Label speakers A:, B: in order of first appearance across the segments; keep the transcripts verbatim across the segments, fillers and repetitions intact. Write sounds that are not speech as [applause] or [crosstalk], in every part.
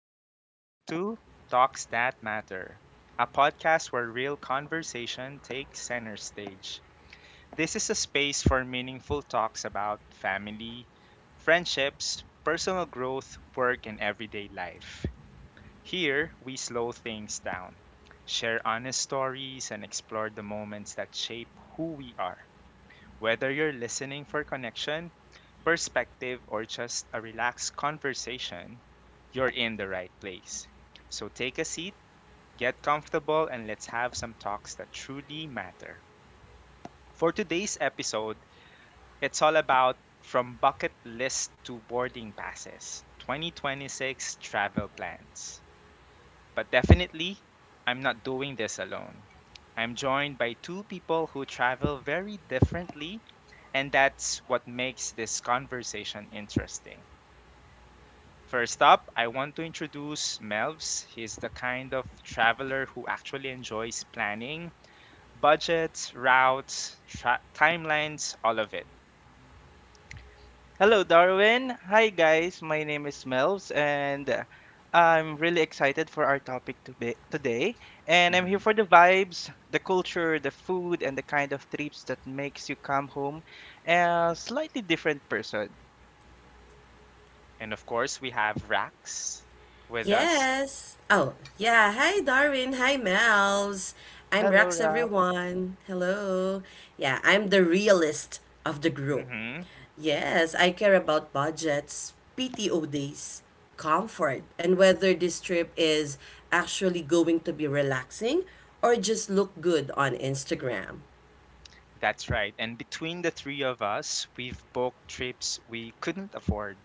A: and welcome back to Talks That Matter, a podcast where real conversation takes center stage. This is a space for meaningful talks about family, friendships, personal growth, work, and everyday life. Here, we slow things down, share honest stories, and explore the moments that shape who we are. Whether you're listening for connection, perspective, or just a relaxed conversation, you're in the right place. So take a seat, get comfortable, and let's have some talks that truly matter. For today's episode, it's all about from bucket list to boarding passes, twenty twenty-six travel plans. But definitely, I'm not doing this alone. I'm joined by two people who travel very differently, and that's what makes this conversation interesting. First up, I want to introduce Melvs. He's the kind of traveler who actually enjoys planning, budgets, routes, tra- timelines, all of it.
B: Hello, Darwin. Hi, guys. My name is Melvs, and uh, I'm really excited for our topic to be- today. And I'm here
A: Hmm.
B: for the vibes, the culture, the food, and the kind of trips that makes you come home a slightly different person.
A: And of course, we have Rax with us.
C: Yes. Oh, yeah. Hi, Darwin. Hi, Mel's. I'm
B: Hello,
C: Rex,
B: Rob.
C: everyone. Hello. Yeah, I'm the realist of the group.
A: Mm-hmm.
C: Yes, I care about budgets, P T O days, comfort, and whether this trip is actually going to be relaxing or just look good on Instagram.
A: That's right. And between the three of us, we've booked trips we couldn't afford,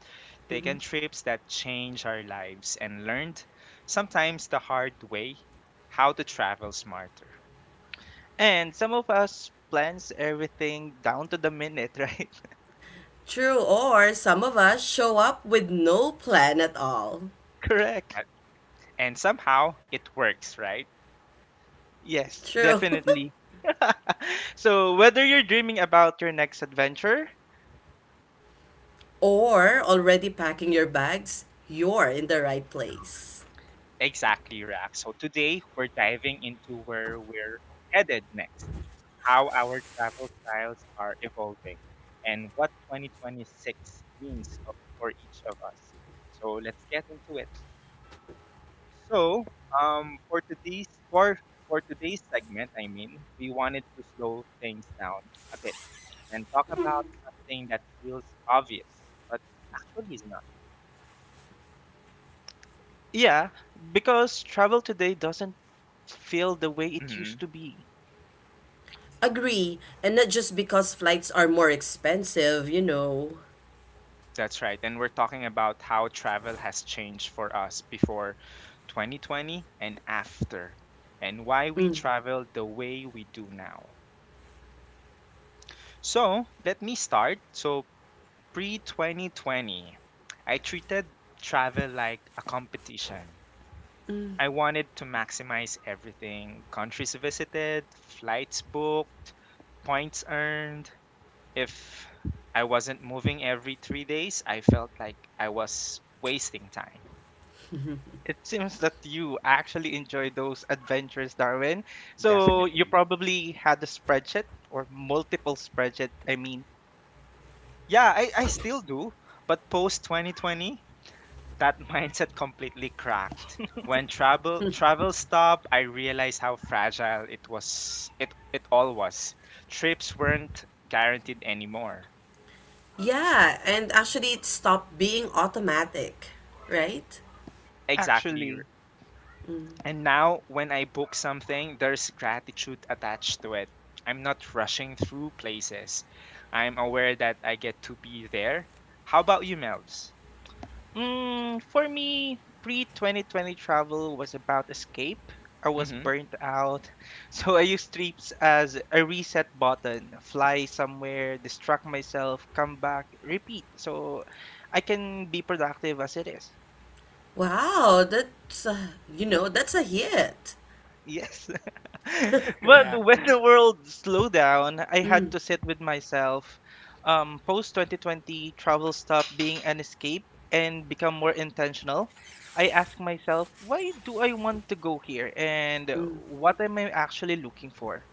A: taken trips that change our lives, and learned, sometimes the hard way, how to travel smarter.
B: And some of us plans everything down to the minute, [laughs] right?
C: True, or some of us show up with no plan at all.
B: Correct.
A: Right. And somehow it works, right?
B: Yes,
C: True. [laughs]
B: definitely. So, whether you're dreaming about your next adventure,
C: Or already packing your bags, you're in the right place.
A: Exactly, Rack. So today we're diving into where we're headed next, how our travel styles are evolving, and what twenty twenty-six means for each of us. So let's get into it. So, um, for today's for for today's segment, I mean, we wanted to slow things down a bit and talk about something that feels obvious, but actually is not.
B: yeah, because travel today doesn't feel the way it used
A: Hmm.
B: to be.
C: Agree, and not just because flights are more expensive, you know.
A: That's right. And we're talking about how travel has changed for us before twenty twenty and after, and why we travel the way we do now. So let me start. So, pre twenty twenty, I treated travel like a competition. I wanted to maximize everything, countries visited, flights booked, points earned. If I wasn't moving every three days, I felt like I was wasting time.
B: It [laughs] seems that you actually enjoy those adventures, Darwin. So you
A: Definitely.
B: probably had a spreadsheet or multiple spreadsheet. I mean,
A: Yeah, I, I still do. But post twenty twenty, that [laughs] mindset completely cracked. When travel travel stopped, I realized how fragile it was. It it all was. Trips weren't guaranteed anymore.
C: Yeah, and actually it stopped being automatic, right?
A: Exactly.
B: actually.
A: And now, when I book something, there's gratitude attached to it. I'm not rushing through places. I'm aware that I get to be there. How about you, Mel's?
B: Mm, for me, pre-twenty twenty travel was about escape. I was
A: Hmm.
B: burnt out, [laughs] so I used trips as a reset button. Fly somewhere, distract myself, come back, repeat, so I can be productive as it is.
C: Wow, that's uh, you know, that's a hit.
B: [laughs] Yes. [laughs]
A: [laughs]
B: But
A: Yeah.
B: when the world slowed down, I had to sit with myself. Um, Post twenty twenty, travel stopped being an escape and become more intentional. I asked myself, why do I want to go here? And what am I actually looking for?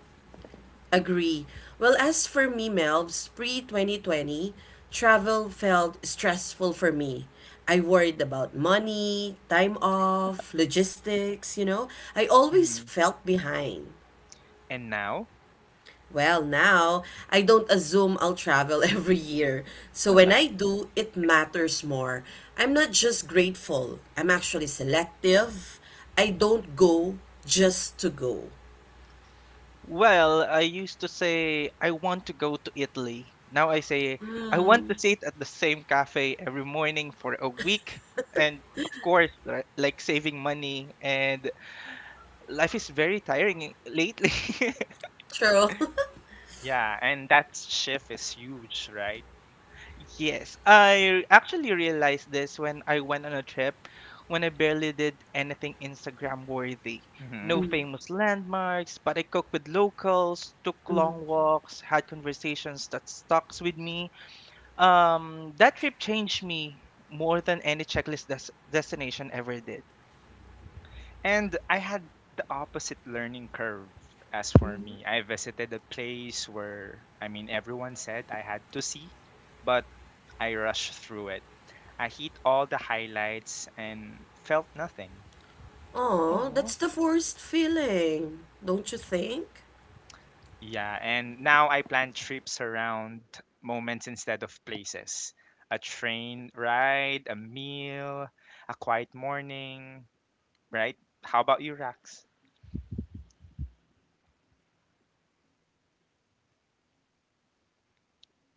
C: Agree. Well, as for me, Melvs, pre twenty twenty, travel felt stressful for me. I worried about money, time off, logistics, you know. I always
A: Hmm.
C: felt behind.
A: And now?
C: Well, now I don't assume I'll travel [laughs] every year. So when I do, it matters more. I'm not just grateful, I'm actually selective. I don't go just to go.
B: Well, I used to say, I want to go to Italy. Now I say, I want to sit at the same cafe every morning for a week. And of course, li- like saving money and life is very tiring lately.
C: True. [laughs]
A: Yeah. And that shift is huge, right?
B: [laughs] Yes, I actually realized this when I went on a trip when I barely did anything Instagram worthy.
A: Hmm.
B: No famous landmarks, but I cooked with locals, took long walks, had conversations that stuck with me. Um, that trip changed me more than any checklist des- destination ever did.
A: And I had the opposite learning curve as for me. I visited a place where, I mean, everyone said I had to see, but I rushed through it. I hit all the highlights and felt nothing.
C: Oh, that's
B: Oh.
C: the worst feeling, don't you think?
A: Yeah, and now I plan trips around moments instead of places. A train ride, a meal, a quiet morning, right? How about you, Rax?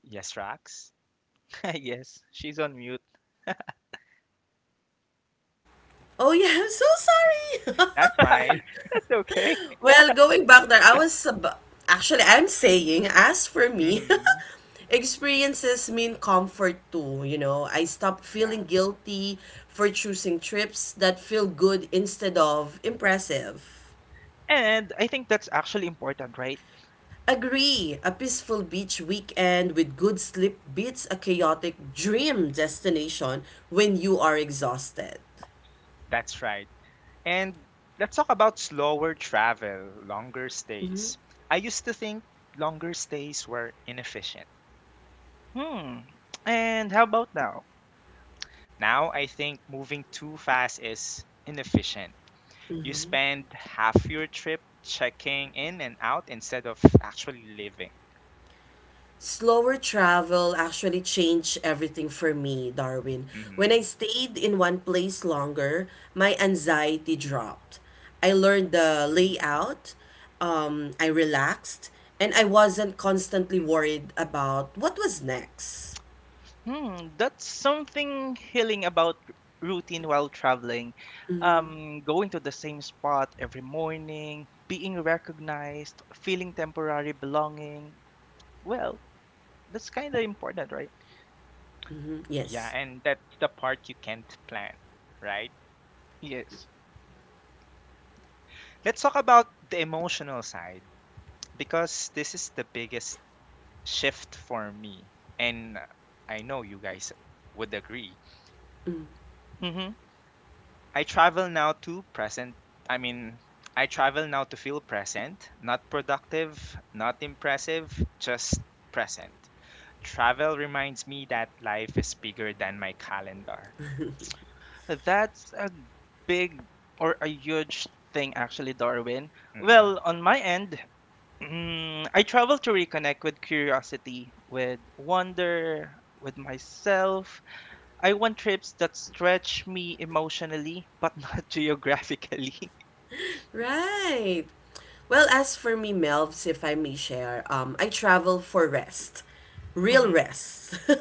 A: Yes, Rax.
B: [laughs] Yes, she's on mute.
C: Oh yeah, [laughs] I'm so sorry.
A: That's fine.
B: [laughs] That's okay.
C: [laughs] Well, going back there, I was ab- actually I'm saying as for
A: [laughs]
C: me,
A: Hmm.
C: [laughs] experiences mean comfort too, you know. I stopped
A: Yeah,
C: feeling guilty for choosing trips that feel good instead of impressive.
B: And I think that's actually important, right?
C: Agree, a peaceful beach weekend with good sleep beats a chaotic dream destination when you are exhausted.
A: that's right. And let's talk about slower travel, longer stays. I used to think longer stays were inefficient.
B: Hmm. And how about now?
A: Now I think moving too fast is inefficient. You spend half your trip checking in and out instead of actually living.
C: Slower travel actually changed everything for me, Darwin. When I
A: Hmm.
C: stayed in one place longer, my anxiety dropped. I learned the layout, um, I relaxed, and I wasn't constantly worried about what was next.
B: Hmm. That's something healing about r- routine while traveling. Um, going to the same spot every morning, being recognized, feeling temporary belonging. Well, that's kind of important, right?
A: Yeah,
C: Yes.
A: and that's the part you can't plan, right?
B: Yes.
A: Let's talk about the emotional side, because this is the biggest shift for me. And I know you guys would agree.
B: Mm-hmm.
A: I travel now to present. I mean, I travel now to feel present, not productive, not impressive, just present. Travel reminds me that life is bigger than my calendar.
B: That's a big or a huge thing, actually, Darwin.
A: Mm.
B: Well, on my end, mm, I travel to reconnect with curiosity, with wonder, with myself. I want trips that stretch me emotionally, but not [laughs] geographically.
C: Right. Well, as for me, Melvs, if I may share, um, I travel for rest,
B: [laughs]
C: real
B: Hmm.
C: rest, [laughs]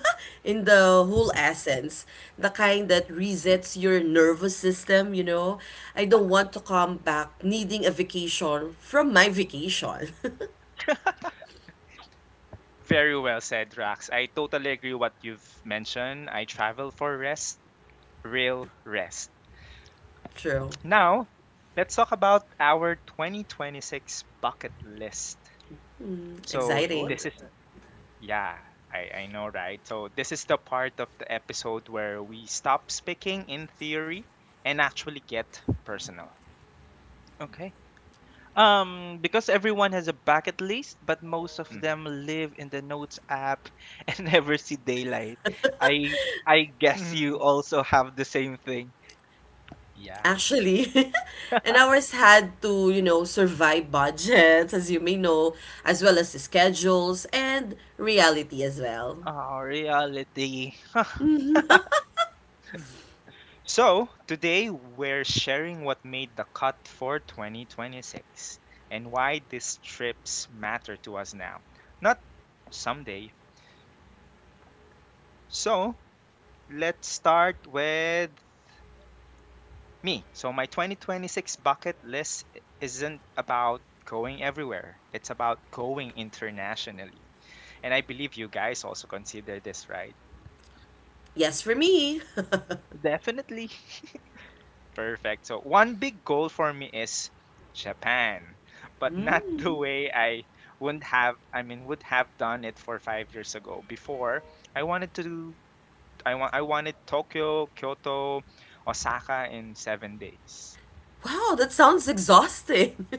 C: in the whole essence, the kind that resets your nervous system. You know, I don't want to come back needing a vacation from my vacation.
A: Very well said, Rax. I totally agree what you've mentioned. I travel for rest, real rest.
C: [laughs] True,
A: Now, let's talk about our twenty twenty-six bucket list. So,
C: exciting.
A: this is.
B: Sure.
A: Yeah, I, I know, right? So, this is the part of the episode where we stop speaking in theory and actually get personal.
B: Okay. Um, because everyone has a bucket list, but most of
A: Mhm.
B: them live in the notes app [laughs] and never see daylight. I I guess you
A: Mhm. [laughs]
B: also have the same thing.
A: Yeah.
C: Actually, [laughs] and ours had to, you know, survive budgets, as you may know, as well as the schedules and reality as well.
B: Oh, reality. [laughs]
A: So, today we're sharing what made the cut for twenty twenty-six, and why these trips matter to us now, not someday. So, let's start with me. So my twenty twenty-six bucket list isn't about going everywhere. It's about going internationally. And I believe you guys also consider this, right?
C: Yes, for me. [laughs]
B: Definitely,
A: Perfect. So one big goal for me is Japan, but not [laughs] the way I wouldn't have I mean would have done it for five years ago. Before, I wanted to do I want I wanted Tokyo, Kyoto, Osaka in seven days.
C: Wow, that sounds exhausting. [laughs]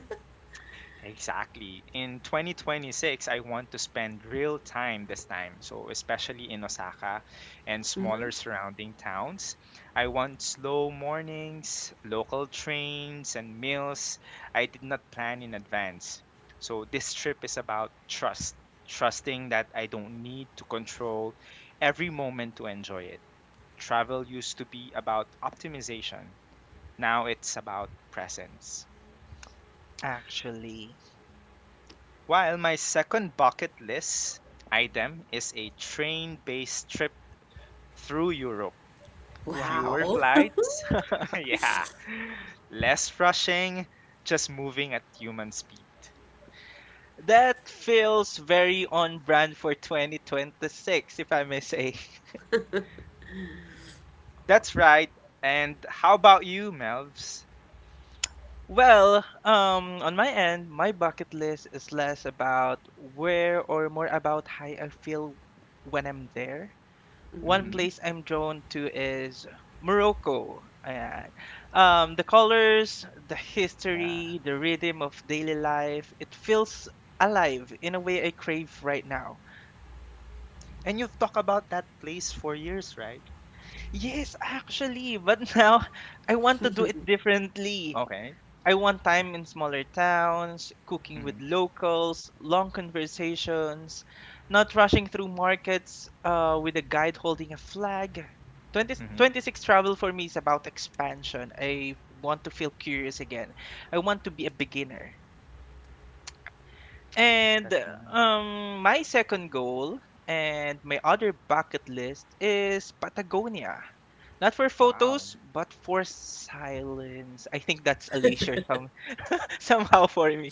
A: Exactly. In twenty twenty-six, I want to spend real time this time. So, especially in Osaka and smaller surrounding towns. I want slow mornings, local trains, and meals I did not plan in advance. So, this trip is about trust, trusting that I don't need to control every moment to enjoy it. Travel used to be about optimization, now it's about presence.
B: actually.
A: While my second bucket list item is a train based trip through Europe. Fewer
C: Wow.
B: Wow.
A: flights, [laughs] yeah, less rushing, just moving at human speed.
B: That feels very on brand for twenty twenty-six, if I may say.
A: That's right. And how about you, Melvs?
B: Well, um, on my end, my bucket list is less about where or more about how I feel when I'm there. One
A: Hmm.
B: place I'm drawn to is Morocco. Ayan. Um, the colors, the
A: Yeah.
B: history, the rhythm of daily life, it feels alive in a way I crave right now.
A: And you've talked about that place for years, right?
B: Yes, actually, but [laughs] now I want to do it differently.
A: Okay.
B: I want time in smaller towns, cooking with
A: Hmm.
B: locals, long conversations, not rushing through markets uh, with a guide holding a flag. Twenty
A: Hmm.
B: twenty-six travel for me is about expansion. I want to feel curious again. I want to be a beginner. And
A: That's nice.
B: um, my second goal and my other bucket list is Patagonia. Not for photos,
A: Wow.
B: but for silence. I think that's a leisure some, [laughs] somehow for
C: [laughs]
B: me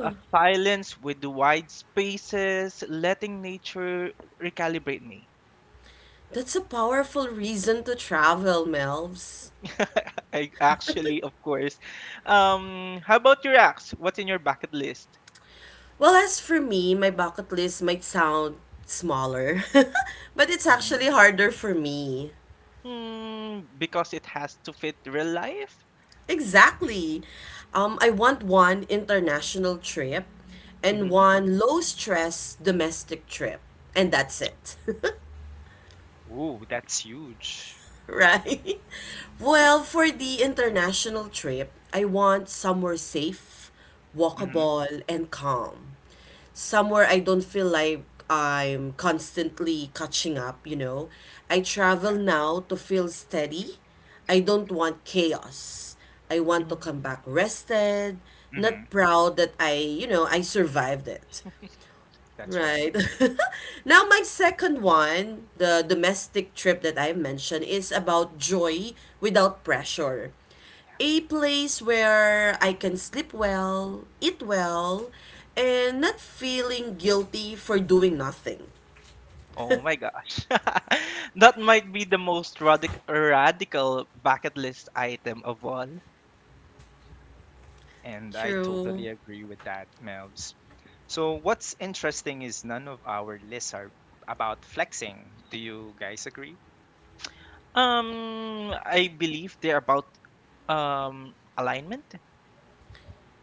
B: a silence with the wide spaces, letting nature recalibrate me.
C: That's a powerful reason to travel, Melvs.
B: [laughs] I actually, of course. Um, how about your acts? What's in your bucket list?
C: Well, as for me, my bucket list might sound smaller, [laughs] but it's
A: Mm-hmm.
C: actually harder for me.
B: Hmm, because it has to fit real life?
C: Exactly. Um, I want one international trip and
B: Hmm.
C: one low stress domestic trip, and that's it. [laughs]
A: Ooh, that's huge.
C: [laughs] Right? Well, for the international trip, I want somewhere safe,
A: Hmm.
C: walkable, and calm. Somewhere I don't feel like I'm constantly catching up, you know. I travel
A: Yeah.
C: now to feel steady. I don't want chaos. I want to
B: Hmm.
C: come back rested, not
A: Hmm.
C: proud that I, you know, I survived it.
A: That's
C: Right.
A: right.
C: [laughs] Now, my second one, the domestic trip that I mentioned, is about joy without pressure. A place where I can sleep well, eat well, and not feeling guilty for doing nothing.
B: Oh my gosh. [laughs] That might be the most radic- radical bucket list item of all.
A: And I
C: True.
A: totally agree with that, Melvs. So, what's interesting is none of our lists are about flexing. Do you guys agree?
B: Um, I believe they're about um alignment.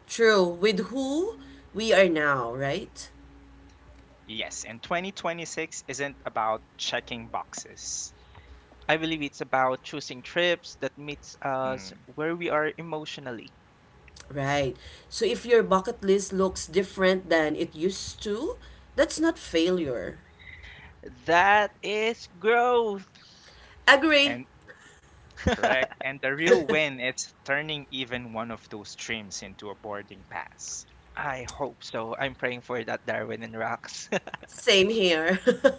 C: True. With who we are now, right?
A: Yes. And twenty twenty-six isn't about checking boxes.
B: I believe it's about choosing trips that meets us
A: Mhm.
B: where we are emotionally.
C: Right. So if your bucket list looks different than it used to, that's not failure.
B: That is growth.
C: Agree.
A: And correct.
B: [laughs]
A: And the real win is turning even one of those dreams into a boarding pass.
B: I hope so. I'm praying for that, Darwin and Rox.
C: Same here. [laughs]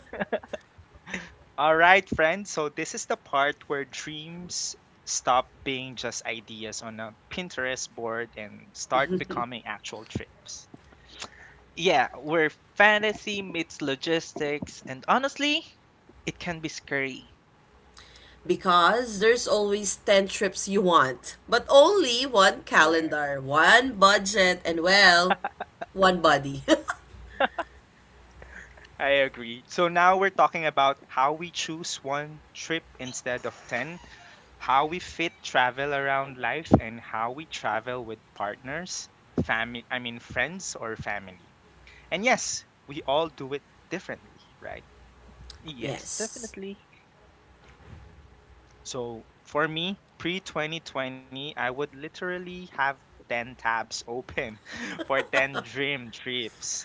A: All right, friends. So, this is the part where dreams stop being just ideas on a Pinterest board and start becoming actual trips.
B: [laughs] Yeah, where fantasy meets logistics, and honestly, it can be scary.
C: Because there's always ten trips you want, but only one
A: Correct.
C: calendar, one budget, and well, one body.
A: I agree. So now we're talking about how we choose one trip instead of ten, how we fit travel around life, and how we travel with partners, family, I mean, friends or family. And yes, we all do it differently, right?
C: [laughs]
B: Yes,
C: Yes.
B: definitely.
A: So for me, pre twenty twenty, I would literally have ten tabs open [laughs] for ten dream trips.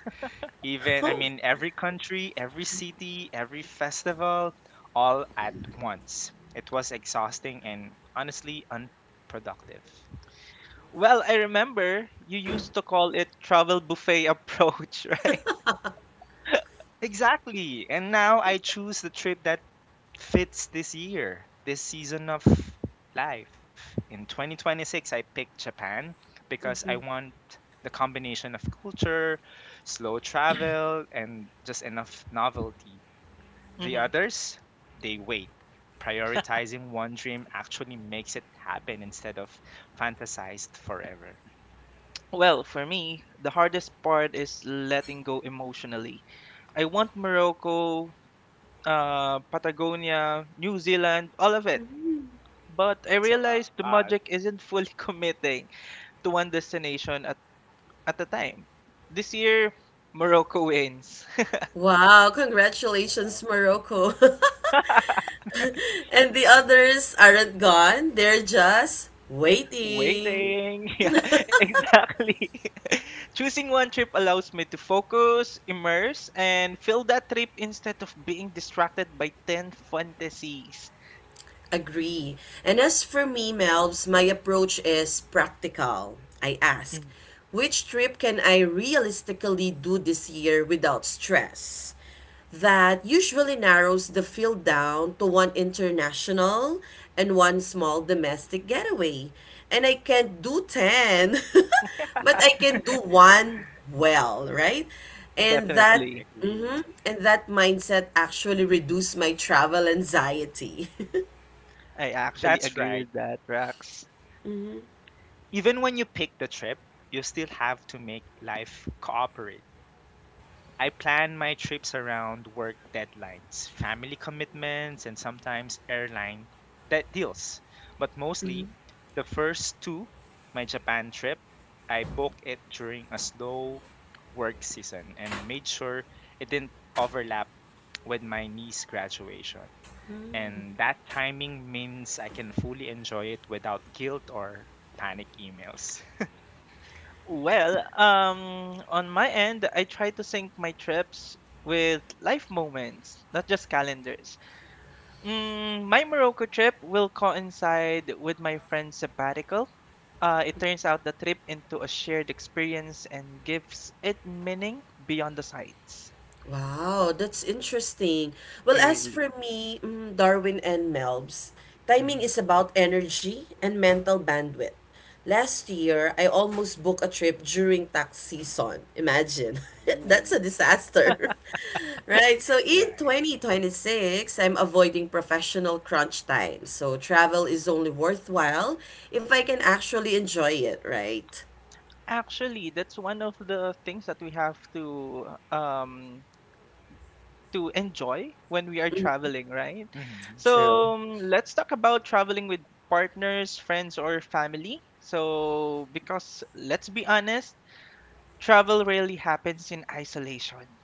A: Even, I mean, every country, every city, every festival, all at once. It was exhausting and honestly unproductive.
B: Well, I remember you used to call it travel buffet approach, [laughs] right?
A: Exactly. And now I choose the trip that fits this year, this season of life. In twenty twenty-six, I picked Japan because I want the combination of culture, slow travel, and just enough novelty. The
B: Hmm.
A: others, they wait. Prioritizing one dream actually makes it happen instead of fantasized forever.
B: Well, for me, the hardest part is letting go emotionally. I want Morocco uh, Patagonia, New Zealand, all of it. But I
A: That's a
B: realized the
A: lot.
B: project isn't fully [laughs] committing to one destination at, at a time. This year, Morocco wins.
C: Wow,
A: Wow.
C: congratulations, Morocco. [laughs]
B: [laughs]
C: And the others aren't gone, they're just waiting.
B: Waiting. [laughs] Yeah, exactly. [laughs] Choosing one trip allows me to focus, immerse, and fill that trip instead of being distracted by ten fantasies.
C: Agree. And as for me, Melbs, my approach is practical. I ask,
B: Mm.
C: which trip can I realistically do this year without stress? That usually narrows the field down to one international and one small domestic getaway. And I can't do ten, [laughs] but I can do
A: [laughs] Yeah,
C: one well, right? And that
A: I
B: Definitely.
A: agree.
C: mhm, and that mindset actually reduced my travel anxiety. [laughs]
B: I actually
A: That's
B: agree
A: right.
B: with that, Rax.
A: Even when you pick the trip, you still have to make life cooperate. I plan my trips around work deadlines, family commitments, and sometimes airline de- deals. But mostly, the first two, my Japan trip, I booked it during a slow work season and made sure it didn't overlap with my niece graduation. And that timing means I can fully enjoy it without guilt or panic emails. [laughs]
B: Well, um, on my end, I try to sync my trips with life moments, not just calendars. Mm, my Morocco trip will coincide with my friend's sabbatical. Uh, it turns out the trip into a shared experience and gives it meaning beyond the sights.
C: Wow, that's interesting. Well, as
B: Really.
C: for me, mm, Darwin and Melbs, timing
A: Mhm.
C: is about energy and mental bandwidth. Last year, I almost booked a trip during tax season. Imagine. [laughs] That's
A: Ooh,
C: a disaster. [laughs] Right? So in
A: right.
C: twenty twenty-six, I'm avoiding professional crunch time. So travel is only worthwhile if I can actually enjoy it, right?
B: Actually, that's one of the things that we have to um, to enjoy when we are traveling, right?
A: Hmm.
C: True.
B: So um, let's talk about traveling with partners, friends, or family. So, because let's be honest, travel rarely happens in isolation.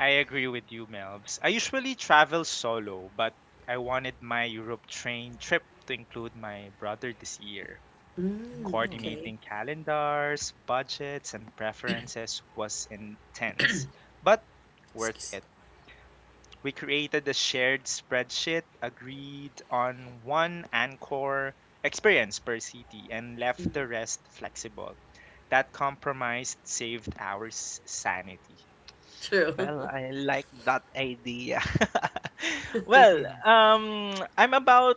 A: I agree with you, Melbs. I usually travel solo, but I wanted my Europe train trip to include my brother this year.
C: Mm,
B: Mm,
C: okay.
A: Coordinating calendars, budgets, and preferences was intense, but worth
C: Excuse.
A: it. We created a shared spreadsheet, agreed on one anchor experience per city, and left the rest flexible. That compromise saved our s- sanity.
C: True.
B: well,
C: [laughs]
B: I like that idea. [laughs] Well,
A: [laughs]
B: um, I'm about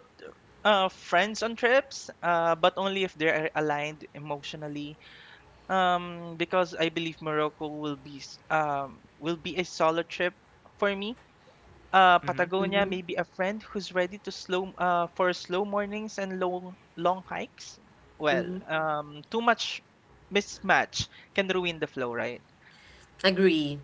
B: uh, friends on trips, uh, but only if they're aligned emotionally. Um, because I believe Morocco will be s- um will be a solo trip for me, uh,
A: Hmm.
B: Patagonia, maybe a friend who's ready to slow uh, for slow mornings and long long hikes. Well, um, too much mismatch can ruin the flow, right?
C: Agree.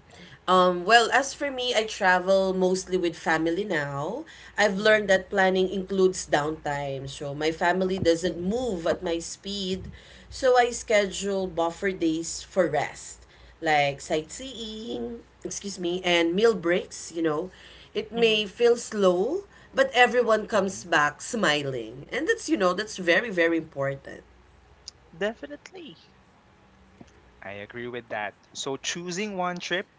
C: Um, well, as for me, I travel mostly with family now. I've learned
B: Hmm.
C: that planning includes downtime, so my family doesn't move at my speed, so I schedule buffer days for rest, like sightseeing, excuse me, and meal breaks, you know. It may
B: Hmm.
C: feel slow, but everyone comes back smiling, and that's, you know, that's very, very important.
B: Definitely.
A: I agree with that. So, choosing one trip,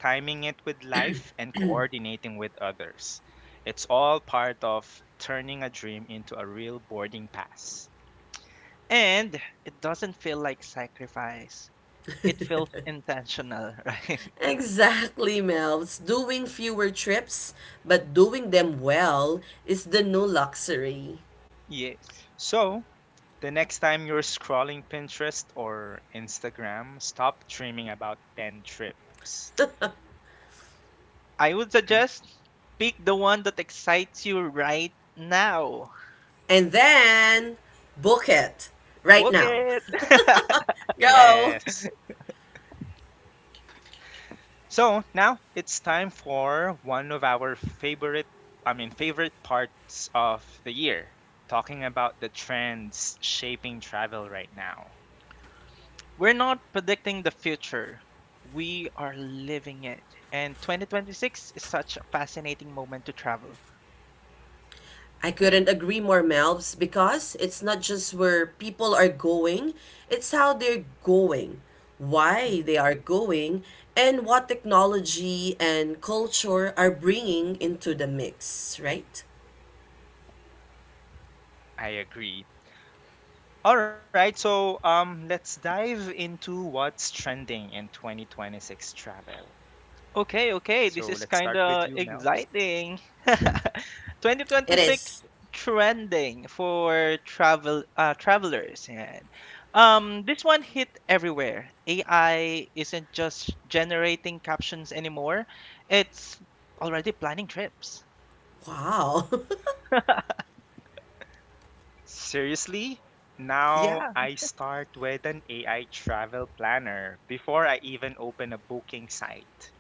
A: timing it with life, and coordinating with others. It's all part of turning a dream into a real boarding pass.
B: And it doesn't feel like sacrifice. It feels intentional, [laughs] right?
C: Exactly, Melvs. Doing fewer trips, but doing them well, is the new luxury.
B: Yes.
A: So, the next time you're scrolling Pinterest or Instagram, stop dreaming about ten trips.
B: I would suggest pick the one that excites you right now.
C: And then, book it right
B: Book
C: now.
B: it. [laughs]
C: Go!
A: Yes. So, now it's time for one of our favorite I mean favorite parts of the year, talking about the trends shaping travel right now.
B: We're not predicting the future. We are living it. And twenty twenty-six is such a fascinating moment to travel.
C: I couldn't agree more, Melvs, because it's not just where people are going, it's how they're going, why
B: Mhm.
C: they are going, and what technology and culture are bringing into the mix, right?
A: I agree. All right, so um, let's dive into what's trending in twenty twenty-six travel.
B: Okay, okay, this is
A: So
B: kind
A: let's start
B: of
A: with you, Mel.
B: exciting. [laughs]
C: It
B: twenty twenty-six
C: is.
B: trending for travel uh, travelers and um this one hit everywhere. A I isn't just generating captions anymore. It's already planning trips.
C: Wow. [laughs]
A: Seriously? Now
B: Yeah.
A: I start with an A I travel planner before I even open a booking site.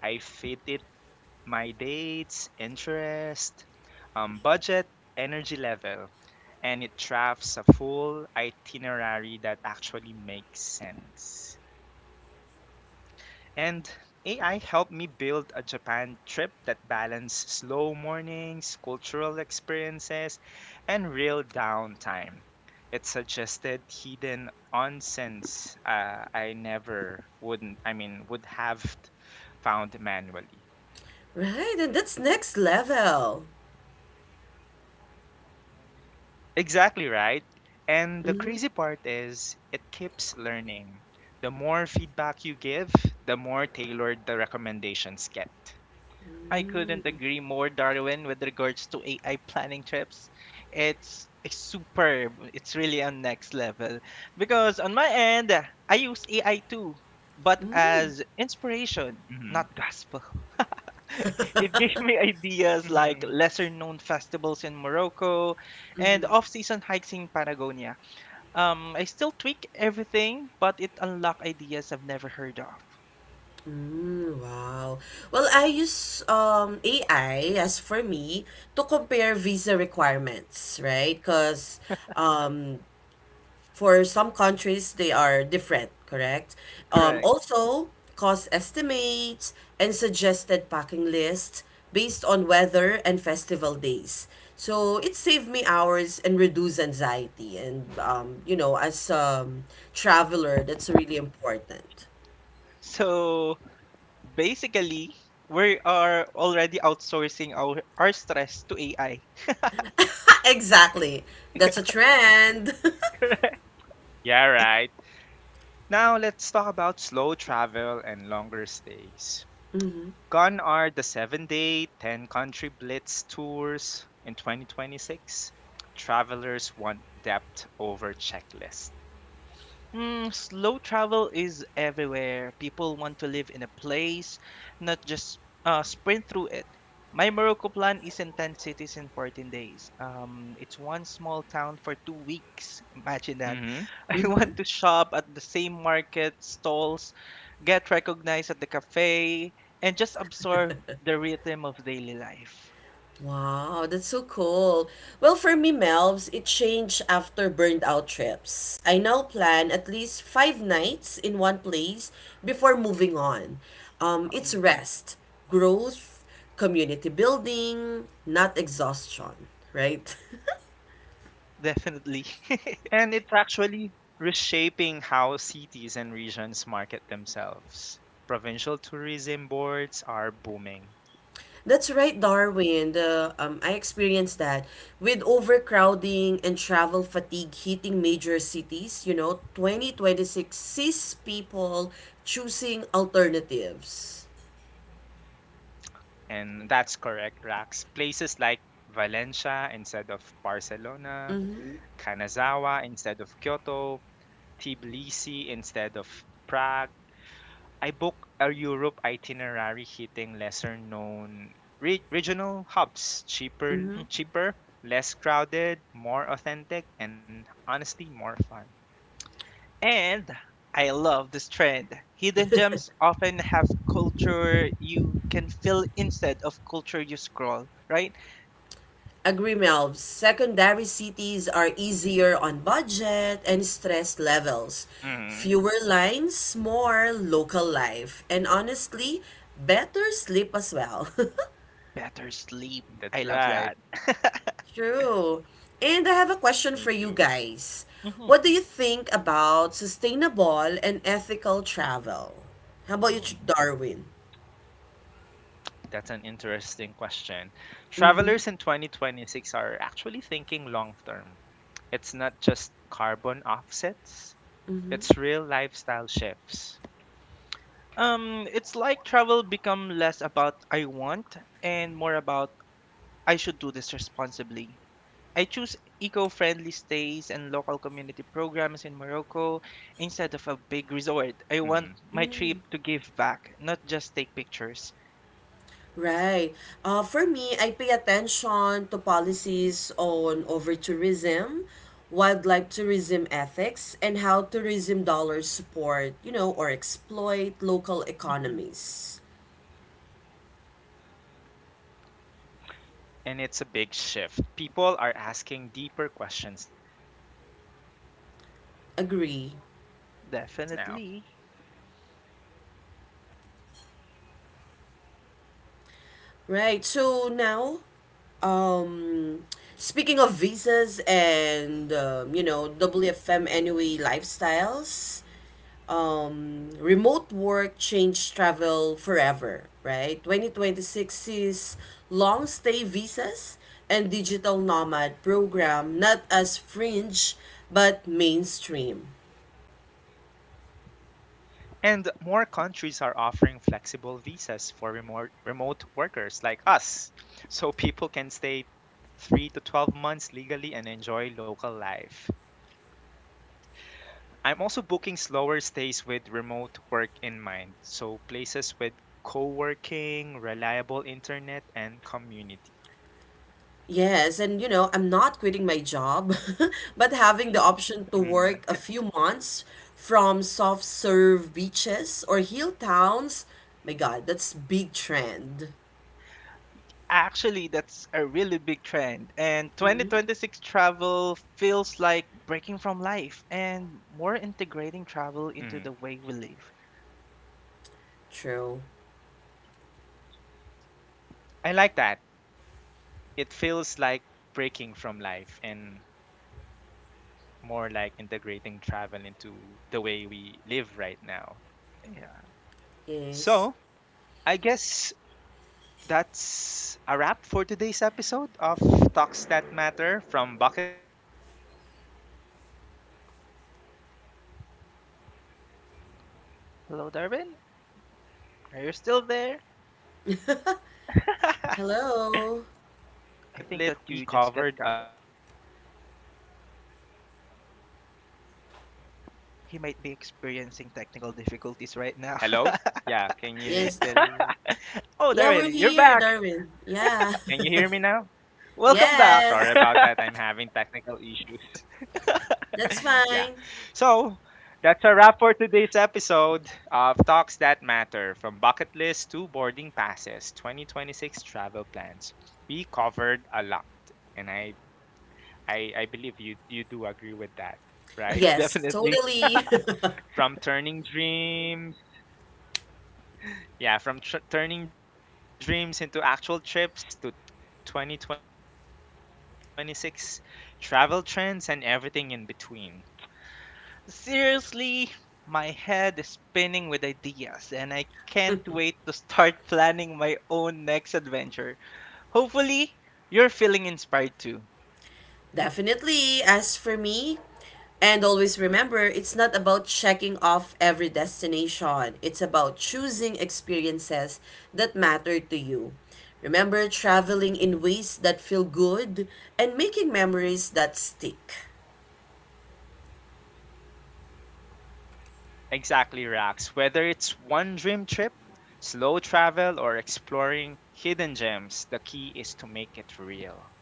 A: I fit it my dates, interest, um, budget, energy level, and it drafts a full itinerary that actually makes sense. And A I helped me build a Japan trip that balanced slow mornings, cultural experiences, and real downtime. It suggested hidden onsens, uh, I never wouldn't I mean would have found manually.
C: Right, and that's next level.
A: Exactly right. And the crazy part is it keeps learning. The more feedback you give, the more tailored the recommendations get.
B: I couldn't agree more, Darwin, with regards to A I planning trips. It's superb. It's really on next level. Because on my end, I use A I too, but as inspiration,
A: Hmm.
B: not gospel. [laughs] It gave me ideas like
A: Hmm.
B: lesser known festivals in Morocco and off season hikes in Patagonia. Um, I still tweak everything, but it unlocked ideas I've never heard of.
C: Mm, wow. Well, I use um A I as for me to compare visa requirements, right? Because um for some countries, they are different, correct? Um,
B: Correct.
C: also, cost estimates and suggested packing lists based on weather and festival days. So it saved me hours and reduced anxiety. And, um, you know, as a traveler, that's really important. [laughs]
B: So basically we are already outsourcing our, our stress to A I.
C: Exactly. That's a trend. [laughs]
A: Yeah, right. Now let's talk about slow travel and longer stays. Gone are the seven-day, ten-country blitz tours in twenty twenty-six. Travelers want depth over checklist.
B: Mm, slow travel is everywhere. People want to live in a place, not just uh, sprint through it. My Morocco plan isn't ten cities in fourteen days. Um, it's one small town for two weeks. Imagine that.
A: Hmm.
B: [laughs] I want to shop at the same market stalls, get recognized at the cafe, and just absorb the rhythm of daily life.
C: Wow, that's so cool. Well, for me, Melvs, it changed after burned out trips. I now plan at least five nights in one place before moving on. Um, it's
B: Mm-hmm.
C: rest, growth, community building, not exhaustion, right? [laughs]
B: Definitely.
A: And it's actually reshaping how cities and regions market themselves. Provincial tourism boards are booming.
C: That's right, Darwin. The um, I experienced that with overcrowding and travel fatigue hitting major cities. You know, twenty twenty six sees people choosing alternatives.
A: And that's correct, Rax. Places like Valencia instead of Barcelona, Kanazawa instead of Kyoto, Tbilisi instead of Prague. I booked a Europe itinerary hitting lesser known re- regional hubs, cheaper,
B: [laughs]
A: cheaper, less crowded, more authentic, and honestly more fun.
B: And I love this trend. Hidden gems often have culture you can feel instead of culture you scroll, right?
C: Agree, Melv. Secondary cities are easier on budget and stress levels.
A: Hmm.
C: Fewer lines, more local life, and honestly, better sleep as well. [laughs]
B: Better sleep. I
A: That's
B: love
A: right.
B: that. [laughs]
C: True. And I have a
A: Me
C: question for
A: too.
C: you guys.
B: Mhm.
C: What do you think about sustainable and ethical travel? How about you, Ch-
B: Mhm.
C: Darwin?
A: That's an interesting question. Travelers in twenty twenty-six are actually thinking long term. It's not just carbon offsets, it's real lifestyle shifts.
B: Um, it's like travel become less about I want and more about I should do this responsibly. I choose eco-friendly stays and local community programs in Morocco instead of a big resort. I want my trip to give back, not just take pictures.
C: Right. Uh, for me, I pay attention to policies on over tourism, wildlife tourism ethics, and how tourism dollars support, you know, or exploit local
B: Mhm.
C: economies.
A: And it's a big shift. People are asking deeper questions now, right?
C: Agree.
B: Definitely.
C: Right. So now, um, speaking of visas and um, you know W F M anyway lifestyles, um, remote work changed travel forever. Right. Twenty twenty six sees long stay visas and digital nomad program not as fringe but mainstream.
A: And more countries are offering flexible visas for remote remote workers like us, so people can stay three to twelve months legally and enjoy local life. I'm also booking slower stays with remote work in mind, so places with co-working, reliable internet and community.
C: Yes, and you know, I'm not quitting my job, [laughs] but having the option to
A: Mhm,
C: work a few months from soft serve beaches or hill towns. My God, that's big trend.
B: Actually, that's a really big trend. And twenty twenty-six travel feels like breaking from life and more
A: mhm.
B: integrating travel into the way we live.
C: True.
A: I like that. It feels like breaking from life and more like integrating travel into the way we live right now.
B: Yeah.
C: Yes.
A: So, I guess that's a wrap for today's episode of Talks That Matter, from Bucket List to Boarding Passes, twenty twenty-six travel plans. We covered a lot.
B: Hello, Darwin.
A: [laughs] Do you agree? [laughs]
B: Are you still there?
A: From turning dreams
B: [laughs]
A: into actual
C: Hello.
A: trips.
B: I think that you just
A: Yeah,
B: got cut off.
A: hello? Can you hear me?
B: He might be experiencing technical difficulties right now. [laughs]
A: Hello? Yeah, can you
C: Yes.
A: still?
B: [laughs] Oh,
C: Yeah,
B: there it
C: we're
B: is. You're
C: here,
B: back.
C: Darwin. Yeah.
A: Can you hear me
C: [laughs]
A: now?
B: Welcome back.
A: I'm
C: Yes.
A: sorry about that. I'm having technical issues. [laughs]
C: That's
A: Yeah.
C: fine.
A: So that's a wrap for today's episode of Talks That Matter, from bucket list to boarding passes, twenty twenty-six travel plans. We covered a lot, and I, I, I believe you, you do agree with that, right?
B: [laughs]
C: Yes,
B: Definitely.
C: totally. [laughs]
A: From turning dreams, yeah, from tr- turning dreams into actual trips, to twenty twenty-six travel trends and everything in between.
B: Seriously, my head is spinning with ideas, and I can't wait to start planning my own next adventure. Hopefully, you're feeling inspired too.
C: Definitely. As for me, and always remember, it's not about checking off every destination. It's about choosing experiences that matter to you. Remember traveling in ways that feel good and making memories that stick.
A: Exactly, Rax. Whether it's one dream trip, slow travel, or exploring hidden gems, the key is to make it real.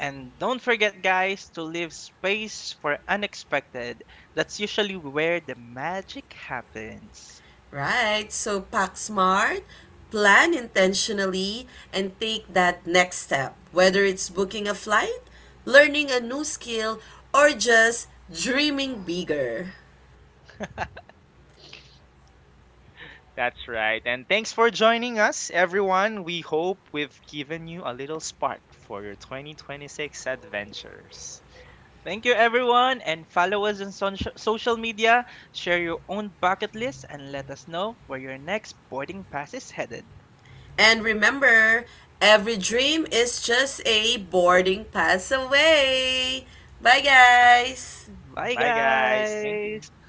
B: And don't forget, guys, to leave space for unexpected. That's usually where the magic happens.
C: Right? So pack smart, plan intentionally, and take that next step. Whether it's booking a flight, learning a new skill, or just dreaming bigger.
A: That's right. And thanks for joining us, everyone. We hope we've given you a little spark for your twenty twenty-six adventures.
B: Thank you, everyone, and follow us on soc- social media. Share your own bucket list and let us know where your next boarding pass is headed.
C: And remember, every dream is just a boarding pass away. Bye, guys.
B: Bye,
A: Bye, guys. Thank
B: guys!
A: you.